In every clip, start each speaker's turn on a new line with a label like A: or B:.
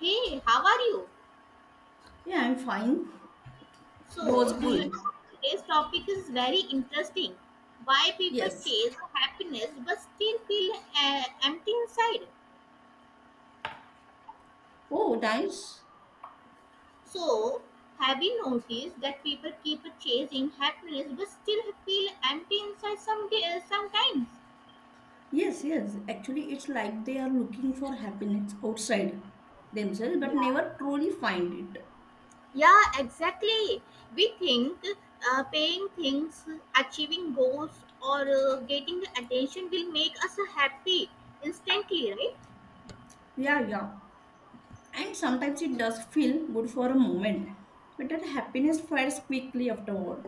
A: Hey, how are you?
B: Yeah, I'm fine. It was
A: So, do you
B: good.
A: know today's topic is very interesting? Why people
B: Yes.
A: chase happiness but still feel empty inside?
B: Oh, nice.
A: So, have you noticed that people keep chasing happiness but still feel empty inside some day, sometimes?
B: Yes, yes. Actually, it's like they are looking for happiness outside themselves but
A: Yeah.
B: never truly find it.
A: Yeah, exactly. We think paying things, achieving goals, or getting attention will make us happy instantly, right?
B: Yeah, yeah. And sometimes it does feel good for a moment, but that happiness fades quickly afterward.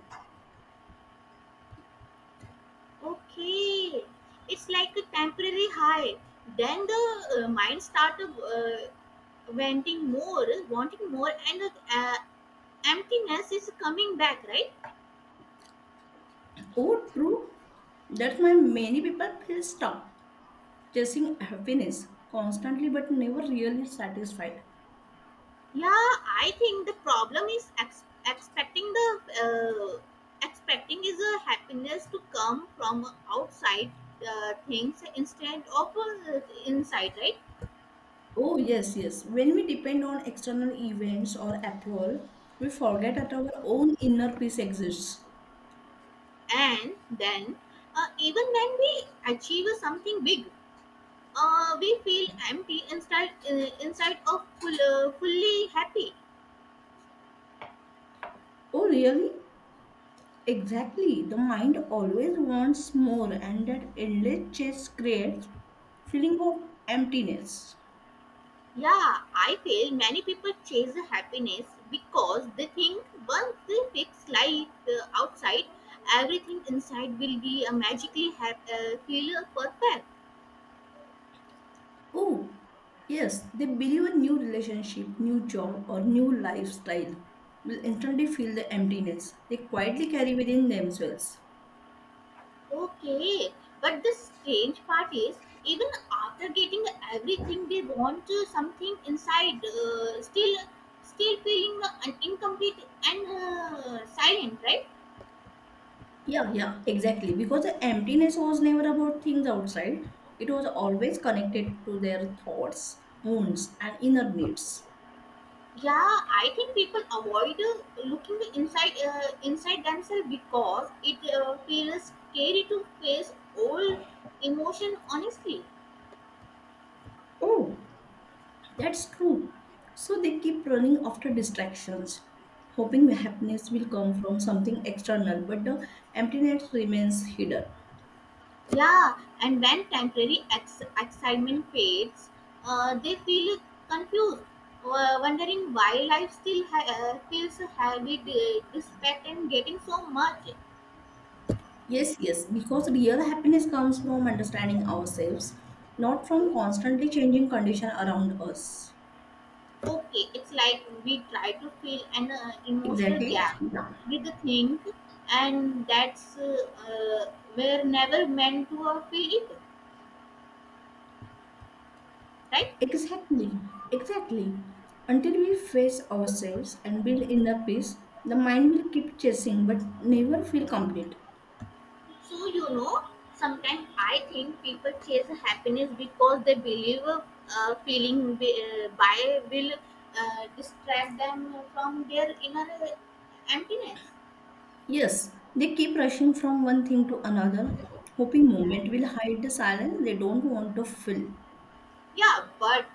A: Okay, it's like a temporary high. Then the mind start wanting more, and the emptiness is coming back, right?
B: Oh, true. That's why many people feel stuck chasing happiness constantly but never really satisfied.
A: Yeah, I think the problem is expecting the expecting is a happiness to come from outside things instead of inside, right?
B: Oh, yes, yes. When we depend on external events or approval, we forget that our own inner peace exists.
A: And then even when we achieve something big we feel empty instead inside of full, fully happy.
B: Oh, really? Exactly. The mind always wants more, and that endless chase creates feeling of emptiness.
A: Yeah, I feel many people chase happiness because they think once they fix life outside, everything inside will be magically feel perfect.
B: Oh, yes. They believe a new relationship, new job, or new lifestyle will instantly fill the emptiness they quietly carry within themselves.
A: Okay, but the strange part is even after getting everything they want, something inside still still feeling incomplete and silent, right?
B: Yeah, yeah, exactly. Because the emptiness was never about things outside, it was always connected to their thoughts, wounds, and inner needs.
A: Yeah, I think people avoid looking inside inside themselves because it feels scary to face all emotion honestly.
B: Oh, that's true. So they keep running after distractions, hoping happiness will come from something external, but the emptiness remains hidden.
A: Yeah, and when temporary excitement fades, they feel confused, wondering why life still feels heavy despite and getting so much.
B: Yes, yes, because real happiness comes from understanding ourselves, not from
A: Okay.
B: constantly changing condition around us.
A: Okay, it's like we try to fill an emotional
B: Exactly.
A: gap
B: Yeah.
A: with the thing, and that's we're never meant to feel it, right?
B: Exactly, exactly. Until we face ourselves and build inner peace, the mind will keep chasing but never feel complete.
A: So you know, sometimes I think people chase happiness because they believe feeling by will distract them from their inner emptiness.
B: Yes, they keep rushing from one thing to another, hoping
A: Yeah.
B: moment will hide the silence they don't want to fill.
A: Yeah, but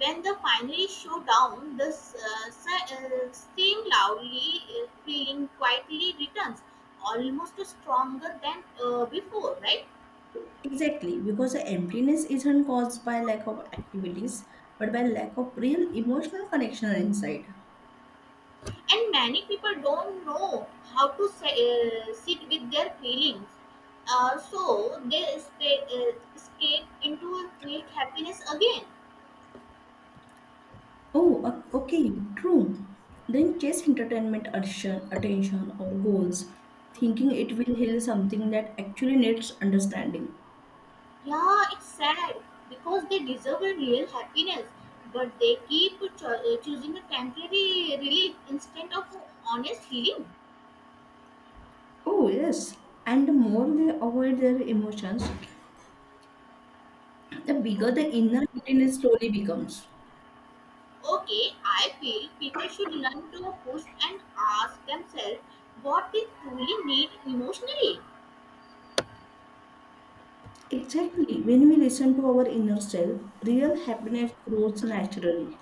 A: when the finally show down, the same loudly feeling quietly returns, almost stronger than before, right?
B: Exactly, because the emptiness isn't caused by lack of activities, but by lack of real emotional connection inside.
A: And many people don't know how to say, sit with their feelings, so they stay, escape into a fake happiness again.
B: Oh, okay, true. Then chase entertainment attention, attention or goals, thinking it will heal something that actually needs understanding.
A: Yeah, it's sad because they deserve a real happiness, but they keep choosing a temporary relief instead of honest healing.
B: Oh, yes. And the more they avoid their emotions, the bigger
A: O-
B: the inner happiness slowly becomes.
A: Okay, I feel people should learn to push and ask themselves what they truly need emotionally.
B: Exactly. When we listen to our inner self, real happiness grows naturally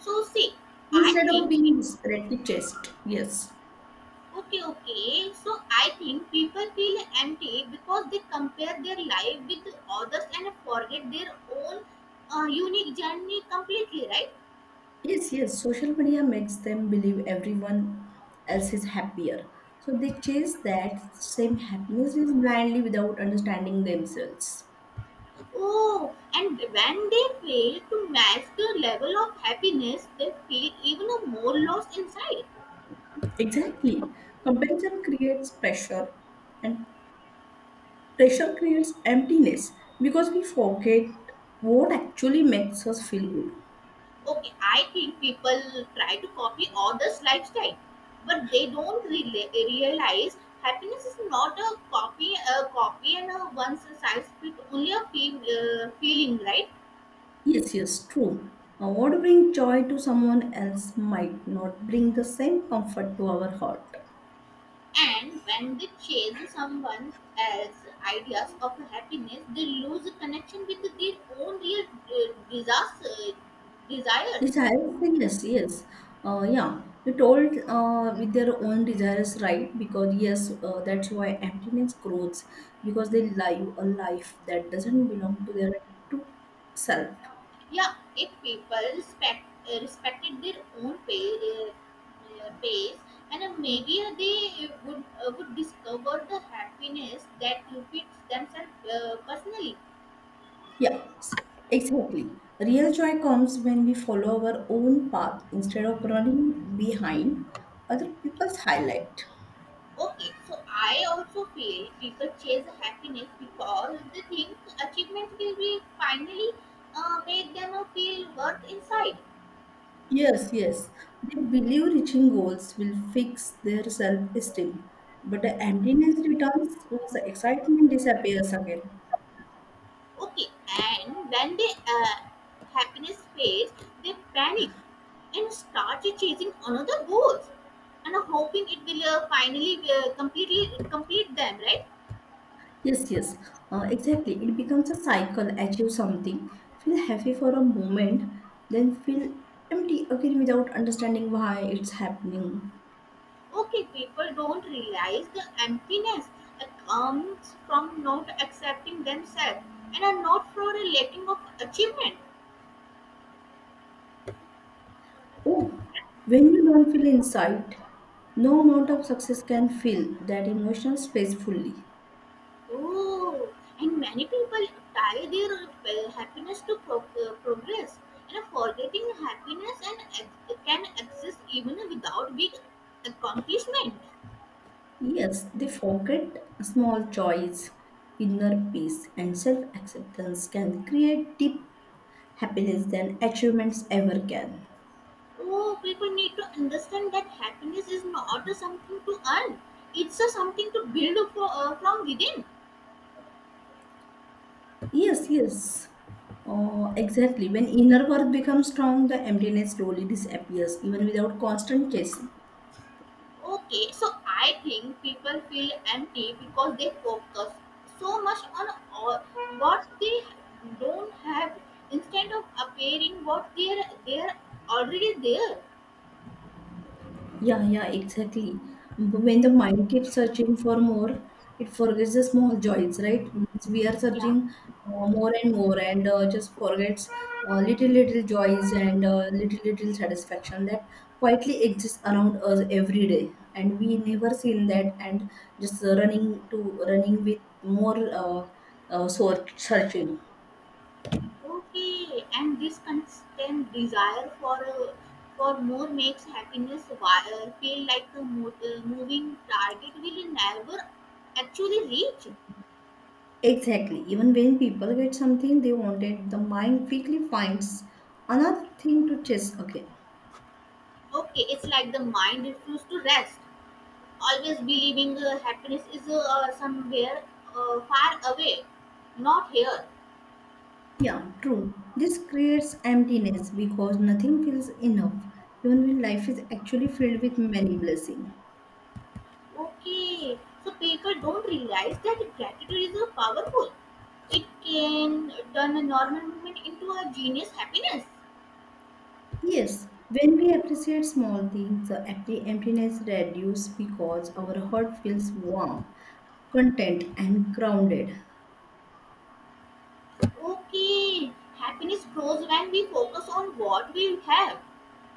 A: So, see, I
B: instead of
A: think,
B: being desperately chased. Yes.
A: okay, so I think people feel empty because they compare their life with others and forget their own unique journey completely, right?
B: Yes, yes. Social media makes them believe everyone else is happier. So they chase that same happiness is blindly without understanding themselves.
A: Oh, and when they fail to match the level of happiness, they feel even a more loss inside.
B: Exactly. Comparison creates pressure and pressure creates emptiness because we forget what actually makes us feel good.
A: Okay, I think people try to copy others' lifestyle, but they don't realize happiness is not a copy, a copy and a one size fit only a feel, feeling, right?
B: Yes, yes, true. What brings joy to someone else might not bring the same comfort to our heart.
A: And when they chase someone else's ideas of happiness, they lose connection with their own real desires, uh, desires.
B: Desires, yes, yes. Yeah, you told with their own desires, right? Because, yes, that's why emptiness grows because they live a life that doesn't belong to their true self.
A: Yeah, if people respect respected their own pace, and maybe they would discover the happiness that fits themselves personally.
B: Yeah, s- exactly. Real joy comes when we follow our own path instead of running behind other people's highlight.
A: Okay, so I also feel people chase happiness because they think achievements will be finally make them feel worth inside.
B: Yes, yes. They believe reaching goals will fix their self-esteem, but the emptiness returns once the excitement disappears again.
A: Okay, and when they uh, happiness fades, they panic and start chasing another goals and hoping it will finally completely complete them, right?
B: Yes, yes. Exactly. It becomes a cycle. Achieve something, feel happy for a moment, then feel empty again without understanding why it's happening.
A: Okay, people don't realize the emptiness that comes from not accepting themselves and are not for a lacking of achievement.
B: Oh, when you don't feel inside, no amount of success can fill that emotional space fully.
A: Oh, and many people tie their happiness to progress and forgetting happiness and can exist even without big accomplishment.
B: Yes, they forget small joys, inner peace, and self acceptance can create deep happiness than achievements ever can.
A: Oh, people need to understand that happiness is not something to earn; it's a something to build for, from within.
B: Yes, yes. Oh, exactly. When inner worth becomes strong, the emptiness slowly disappears, even without constant chasing.
A: Okay, so I think people feel empty because they focus so much on all, what they don't have instead of appearing what they're already there.
B: Yeah, yeah, exactly. But when the mind keeps searching for more, it forgets the small joys, right? Means we are
A: Yeah.
B: searching more and more, and just forgets little, little joys and little, little satisfaction that quietly exists around us every day. And we never seen that, and just running to running with more searching.
A: Okay, and this constant desire for for more makes happiness wire feel like a moving target will never actually reach.
B: Exactly. Even when people get something they wanted, the mind quickly finds another thing to chase again.
A: Okay, it's like the mind refuses to rest, always believing happiness is somewhere far away, not here.
B: Yeah, true. This creates emptiness because nothing feels enough, even when life is actually filled with many blessings.
A: Okay, so people don't realize that gratitude is powerful. It can turn a normal moment into a genius happiness.
B: Yes, when we appreciate small things, the empty emptiness reduces because our heart feels warm, content, and grounded.
A: Okay, happiness grows when we focus on what we have,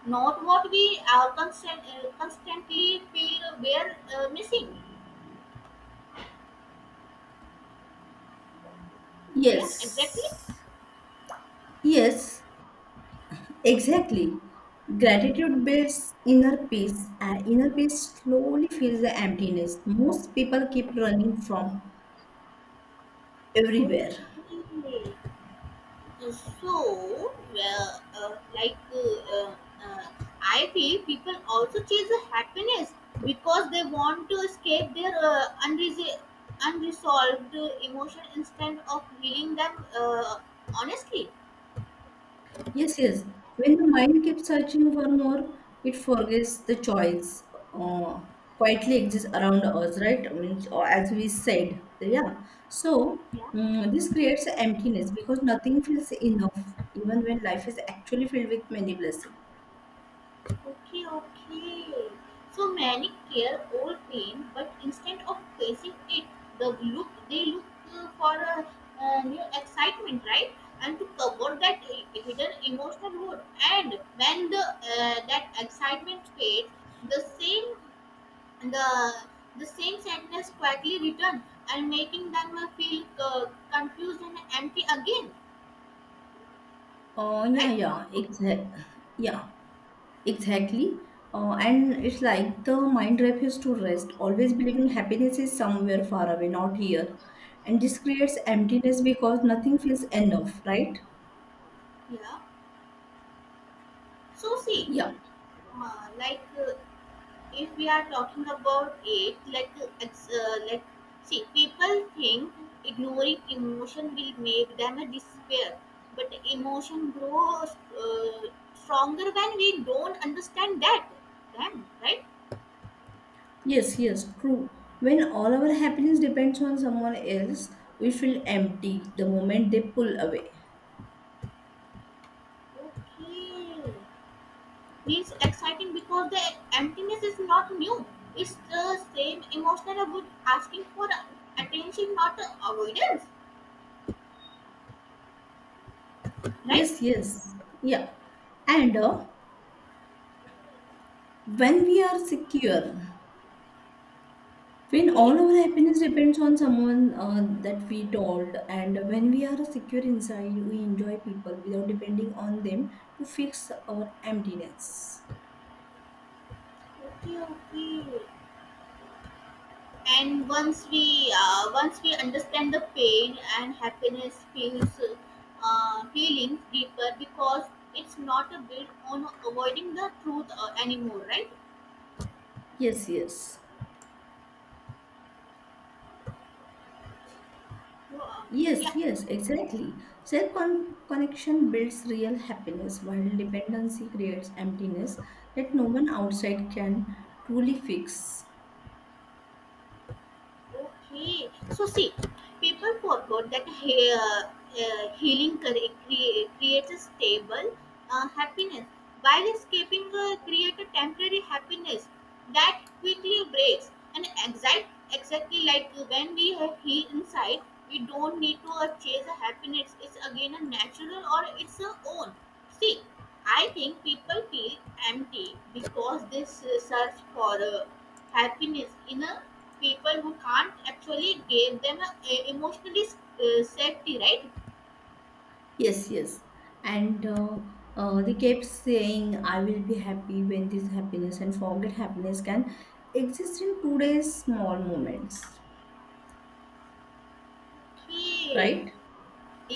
A: not what we are constantly feel we are missing. Yeah, exactly.
B: Yes, yes, exactly. Gratitude builds inner peace, and inner peace slowly fills the emptiness. Most people keep running from
A: Okay.
B: everywhere.
A: Uh, So, uh, I feel people also chase happiness because they want to escape their unresolved emotion instead of healing them honestly.
B: Yes, yes. When the mind keeps searching for more, it forgets the choice uh, quietly exists around us, right? I mean, or as we said, yeah. So
A: Yeah.
B: this creates emptiness because nothing feels enough, even when life is actually filled with many blessings.
A: Okay, okay. So many care old pain, but instead of facing it, the look they look for a, uh, new excitement, right? And to cover that hidden emotional wound. And when the that excitement fades, the same the the same sadness quietly return and making them feel confused and empty again,
B: Oh, yeah,
A: right?
B: yeah, exactly. Yeah. Exactly. And it's like the mind refuses to rest, always believing happiness is somewhere far away, not here. And this creates emptiness because nothing feels enough, right?
A: Yeah. So see,
B: Yeah.
A: uh, like uh, if we are talking about it, like it's, like see, people think ignoring emotion will make them a despair, but emotion grows stronger when we don't understand that them, right?
B: Yes, yes, true. When all our happiness depends on someone else, we feel empty the moment they pull away.
A: Okay, feels exciting because the emptiness is not new. It's the same emotional about asking for attention, not avoidance, right?
B: Yes, yes. Yeah. And when we are secure, when
A: Okay,
B: all our happiness depends on someone that we told, and when we are secure inside, we enjoy people without depending on them to fix our emptiness.
A: okay. And once we once we understand the pain and happiness feels feelings deeper because it's not a bit on avoiding the truth anymore, right?
B: Yes, yes.
A: So,
B: Yes,
A: yeah.
B: yes, exactly. Self connection builds real happiness, while dependency creates emptiness that no one outside can truly fix.
A: Okay, so see, people forgot that healing creates a stable happiness, while escaping creates a temporary happiness that quickly breaks. And exact, exactly like when we have heal inside, we don't need to chase a happiness. It's again a natural or it's a own. See, I think people feel empty because they search for happiness in a people who can't actually give them a emotionally safety, right?
B: Yes, yes. And they kept saying, I will be happy when this happiness, and forget happiness can exist in today's small moments,
A: Okay.
B: right?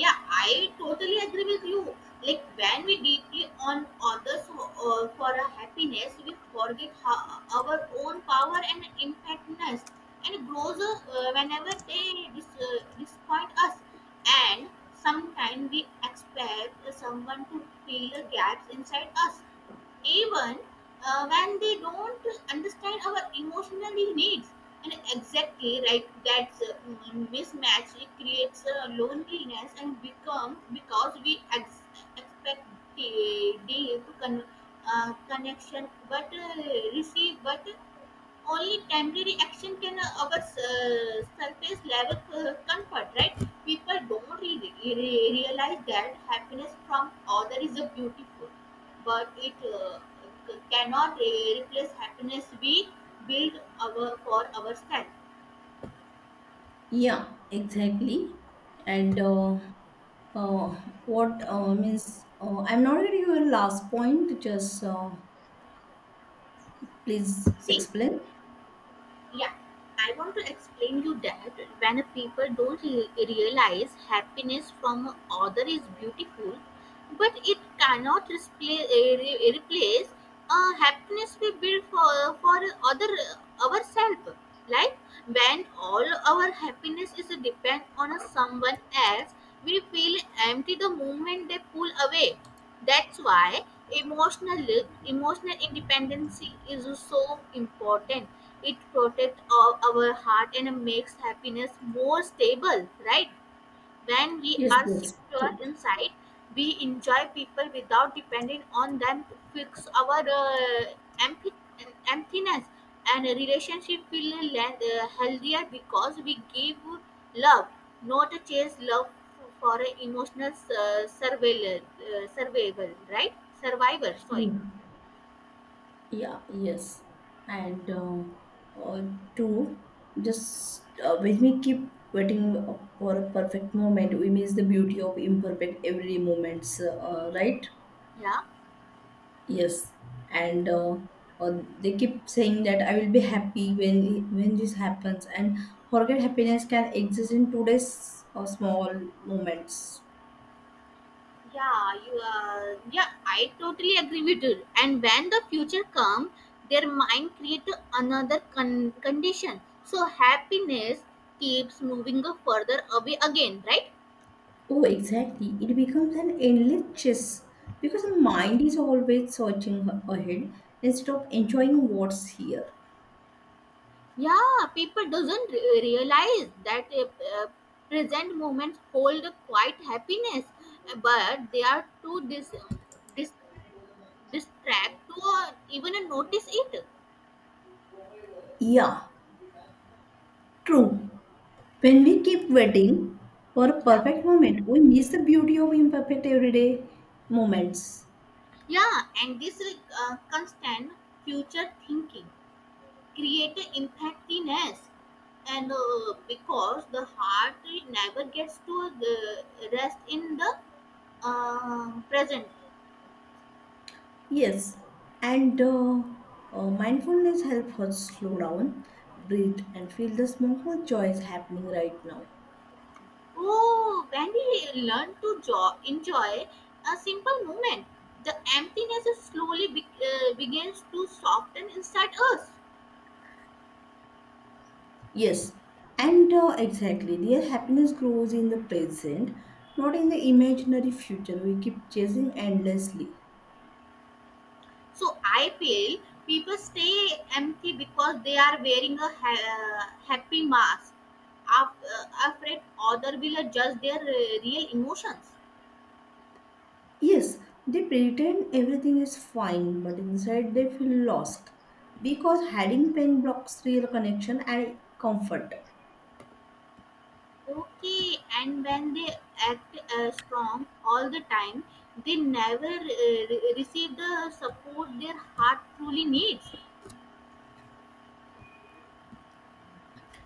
A: Yeah, I totally agree with you. Like when we deeply on others for a happiness we forget our own power and impactness, and it grows whenever they disappoint us. And sometimes we expect someone to fill the gaps inside us even when they don't understand our emotional needs. And exactly right, that mismatch it creates loneliness and become because we expect the deep connection, but receive but only temporary action can our surface level comfort, right? People don't realize that happiness from other is a beautiful, but it cannot replace happiness we build our for ourselves.
B: Yeah, exactly. And uh, what means, I'm not getting your last point, just please
A: See,
B: explain.
A: yeah, I want to explain you that when people don't realize happiness from other is beautiful, but it cannot display, eh, replace happiness we build for other ourselves. Like when all our happiness is depend on someone else, we feel empty the moment they pull away. That's why emotional emotional independence is so important. It protects our heart and makes happiness more stable, right? When we
B: Yes,
A: are
B: yes.
A: secure inside, we enjoy people without depending on them to fix our empty, emptiness. And a relationship feel healthier because we give love, not chase love for a emotional survival, right? Survivor, sorry.
B: Yeah. Yeah, yes. And uh, two, just when we keep waiting for a perfect moment, we miss the beauty of imperfect every moments, right?
A: Yeah.
B: Yes. And they keep saying that I will be happy when this happens, and forget happiness can exist in today's small moments.
A: Yeah, you yeah, I totally agree with you. And when the future comes, their mind create another condition. So happiness keeps moving further away again, right?
B: Oh, exactly. It becomes an endless chess because the mind is always searching ahead instead of enjoying what's here.
A: Yeah, people doesn't realize that present moments hold quite happiness, but they are too dis- distract to even notice it.
B: Yeah, true. When we keep waiting for a
A: Yeah,
B: perfect moment, we miss the beauty of imperfect everyday moments.
A: yeah, and this constant future thinking creating empathiness, and because the heart never gets to the rest in the present.
B: Yes, and mindfulness helps us slow down, breathe, and feel the small joys happening right now.
A: Oh, when we learn to enjoy a simple moment the emptiness is slowly begins to soften inside us.
B: Yes, and exactly, their happiness grows in the present, not in the imaginary future we keep chasing endlessly.
A: So I feel people stay empty because they are wearing a happy mask, afraid other will judge their real emotions.
B: Yes, they pretend everything is fine, but inside they feel lost because hiding pain blocks real connection and comfort.
A: Okay, and when they act strong all the time, they never receive the support their heart truly needs.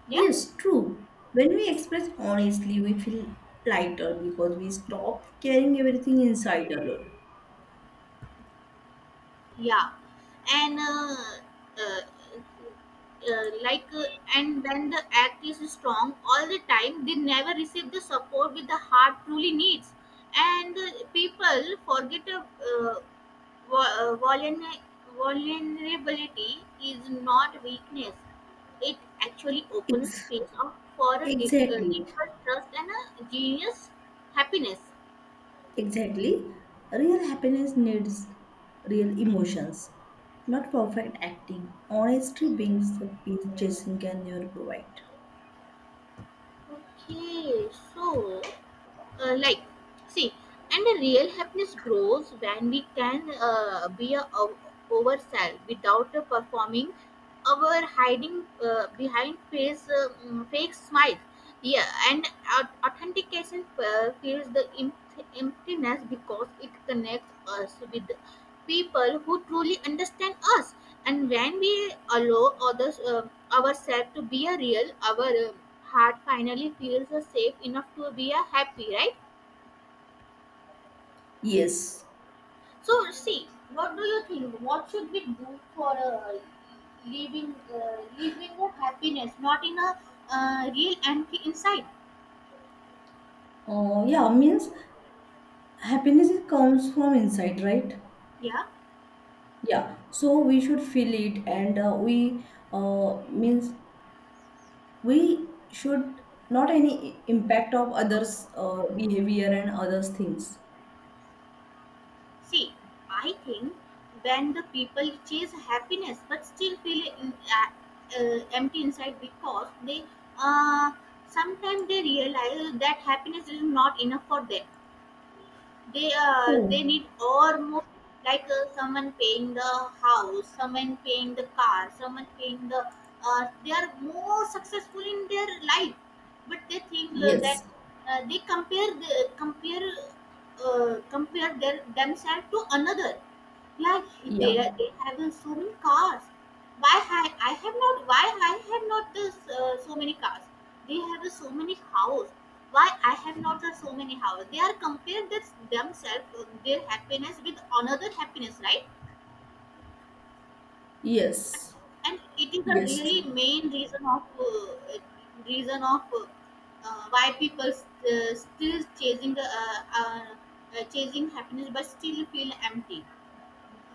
A: Yeah.
B: Yes, true. When we express honestly, we feel lighter because we stop carrying everything inside alone.
A: Yeah, and uh, uh, like uh, and when the act is strong all the time they never receive the support with the heart truly needs, and people forget vu- uh, vulner- vulnerability is not weakness, it actually opens
B: Ex-
A: space up for a deep,
B: Exactly.
A: deeper trust and a genius happiness.
B: Exactly. Real happiness needs real emotions, not perfect acting. Honesty brings the peace chasing can never provide.
A: Okay, so, like see, and the real happiness grows when we can be a, ourselves without performing our hiding behind face fake smiles. Yeah, and authentication feels the emptiness because it connects us with people who truly understand us. And when we allow others, ourselves to be a real, our heart finally feels safe enough to be a happy, right?
B: Yes.
A: So, see, what do you think? What should we do for living living a happiness, not in a real empty inside?
B: Yeah, means happiness it comes from inside, right?
A: Yeah.
B: Yeah. So we should feel it, and we means we should not any impact of others' behavior and others' things.
A: See, I think when the people chase happiness but still feel uh, empty inside because they uh, sometimes they realize that happiness is not enough for them
B: Oh,
A: they need or more like someone paying the house, someone paying the car, someone paying the they are more successful in their life but they think that
B: yes.
A: they compare compare their themselves to another, yeah, they
B: Yeah.
A: they have so many cars. Why I have not? Why I have not this so many cars? They have so many house. Why I have not so many house? They are compared this themselves their happiness with another happiness, right?
B: Yes.
A: And it is a
B: Yes,
A: really
B: true.
A: main reason of why people still chasing the chasing happiness but still feel empty,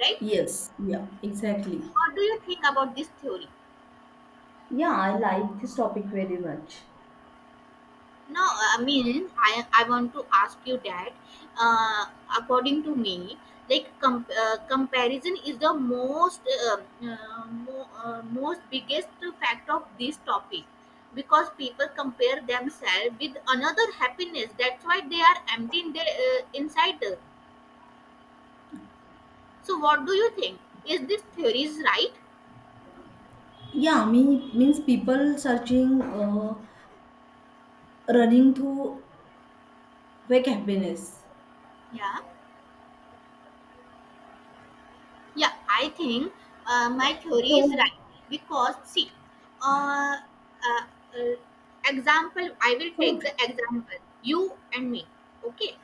A: right?
B: Yes, yeah, exactly.
A: What do you think about this theory?
B: Yeah, I like this topic very much.
A: No, I mean, I want to ask you that, uh, according to me, like comparison is the most uh, most biggest fact of this topic, because people compare themselves with another happiness. That's why they are empty in their inside. So, what do you think? Is this theory is right?
B: Yeah, me means people searching, running to fake happiness.
A: Yeah. Yeah, I think my theory is
B: So,
A: right because see, uh, uh, uh, example. I will
B: so
A: take the example you and me. Okay,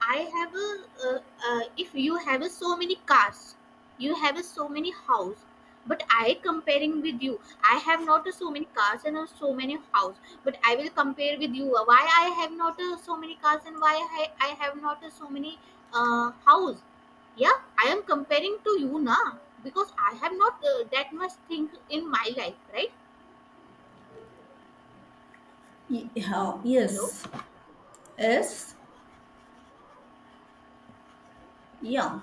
A: I have a, if you have a so many cars, you have a so many house. But I comparing with you, I have not a so many cars and a so many house. But I will compare with you. Why I have not a so many cars and why I have not a so many house? Yeah, I am comparing to you now because I have not that much thing in my life, right?
B: yeah,
A: Hello.
B: yes, yes, yeah,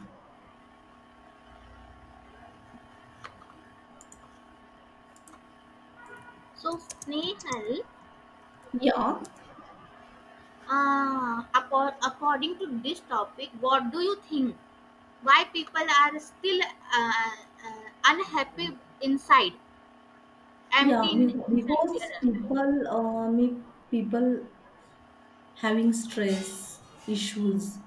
A: So Snehal,
B: yeah,
A: according to this topic, what do you think? Why people are still uh, unhappy inside,
B: yeah.
A: empty inside their
B: Because
A: life?
B: people, me people having stress issues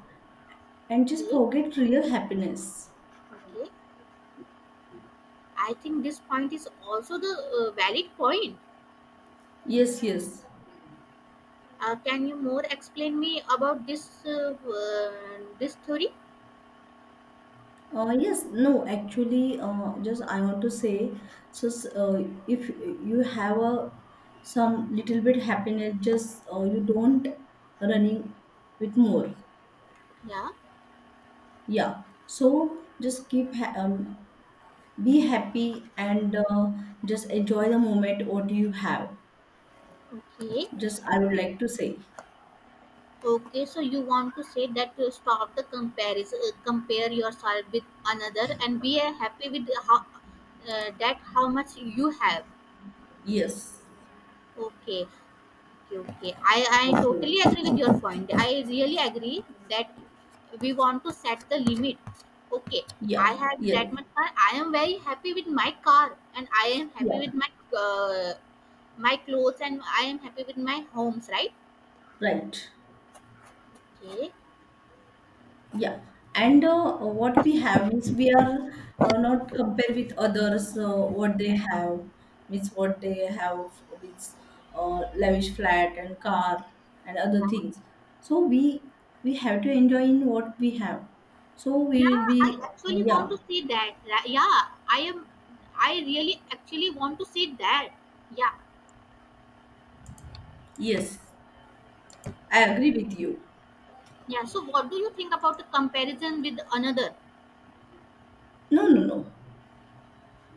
B: and just
A: Okay,
B: forget real happiness.
A: okay, I think this point is also the valid point.
B: Yes, yes.
A: Can you more explain me about this this theory?
B: Yes, no, actually, just I want to say, so if you have a some little bit happiness, just you don't running with more.
A: Yeah.
B: Yeah, so just keep ha be happy and just enjoy the moment what you have.
A: Okay,
B: Just I would like to say,
A: okay, so you want to say that to stop the comparison, compare yourself with another and be happy with how that how much you have.
B: yes,
A: Okay. Okay, okay, I
B: okay.
A: totally agree with your point, I really agree that we want to set the limit. Okay, I
B: Yeah,
A: have
B: yes,
A: that much car, I am very happy with my car and I am
B: yeah,
A: happy with my uh, my clothes and I am happy with my homes, right?
B: right.
A: Okay.
B: Yeah, and what we have means we are not compare with others what they have means what they have means lavish flat and car and other
A: Yeah,
B: things. So we have to enjoy in what we have. So we
A: yeah,
B: will
A: I
B: be,
A: actually want
B: yeah.
A: to see that yeah, I am, I really actually want to see that. Yeah.
B: Yes, I agree with you.
A: Yeah, so what do you think about the comparison with another?
B: No, no, no,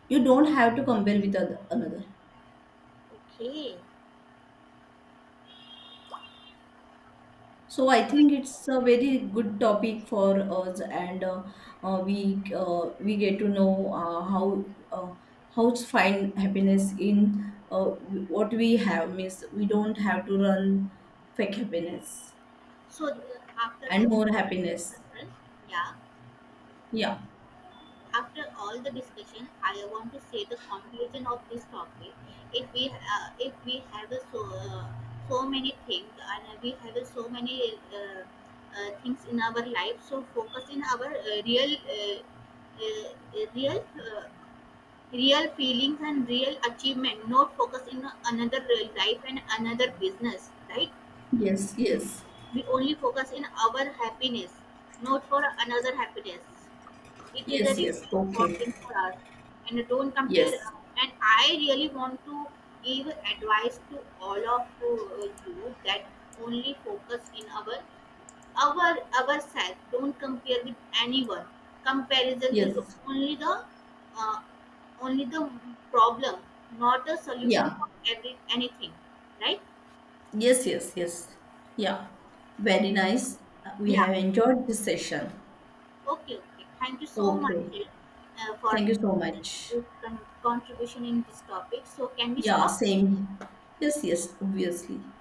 B: you don't have to compare with other, another.
A: Okay,
B: So I
A: so,
B: think it's a very good topic for us, and we get to know uh, how to find happiness in uh, what we have. Means we don't have to run fake happiness
A: so the- after
B: and
A: the
B: more happiness.
A: overall- yeah,
B: Yeah.
A: after all the discussion, I want to say the conclusion of this topic. If we if we have a so uh, so many things and we have a so many things in our life, so focus in our real uh, real uh, real feelings and real achievement. Not focus in another life and another business, right?
B: Yes. Yes.
A: We only focus in our happiness, not for another happiness. It is a
B: Yes.
A: really
B: Yes. Okay.
A: important for us. And don't compare.
B: Yes.
A: And I really want to give advice to all of you that only focus in our ourselves. Don't compare with anyone. Comparison is
B: Yes.
A: only the uh, only the problem, not the solution
B: Yeah.
A: for every anything. Right?
B: Yes. Yes. Yes. Yeah. Very nice. We
A: Yeah.
B: have enjoyed this session.
A: Okay, okay. Thank you so much
B: Okay.
A: for
B: Thank you so much.
A: your contribution in this topic. So, can we
B: Yeah,
A: stop?
B: same. Yes, yes, obviously.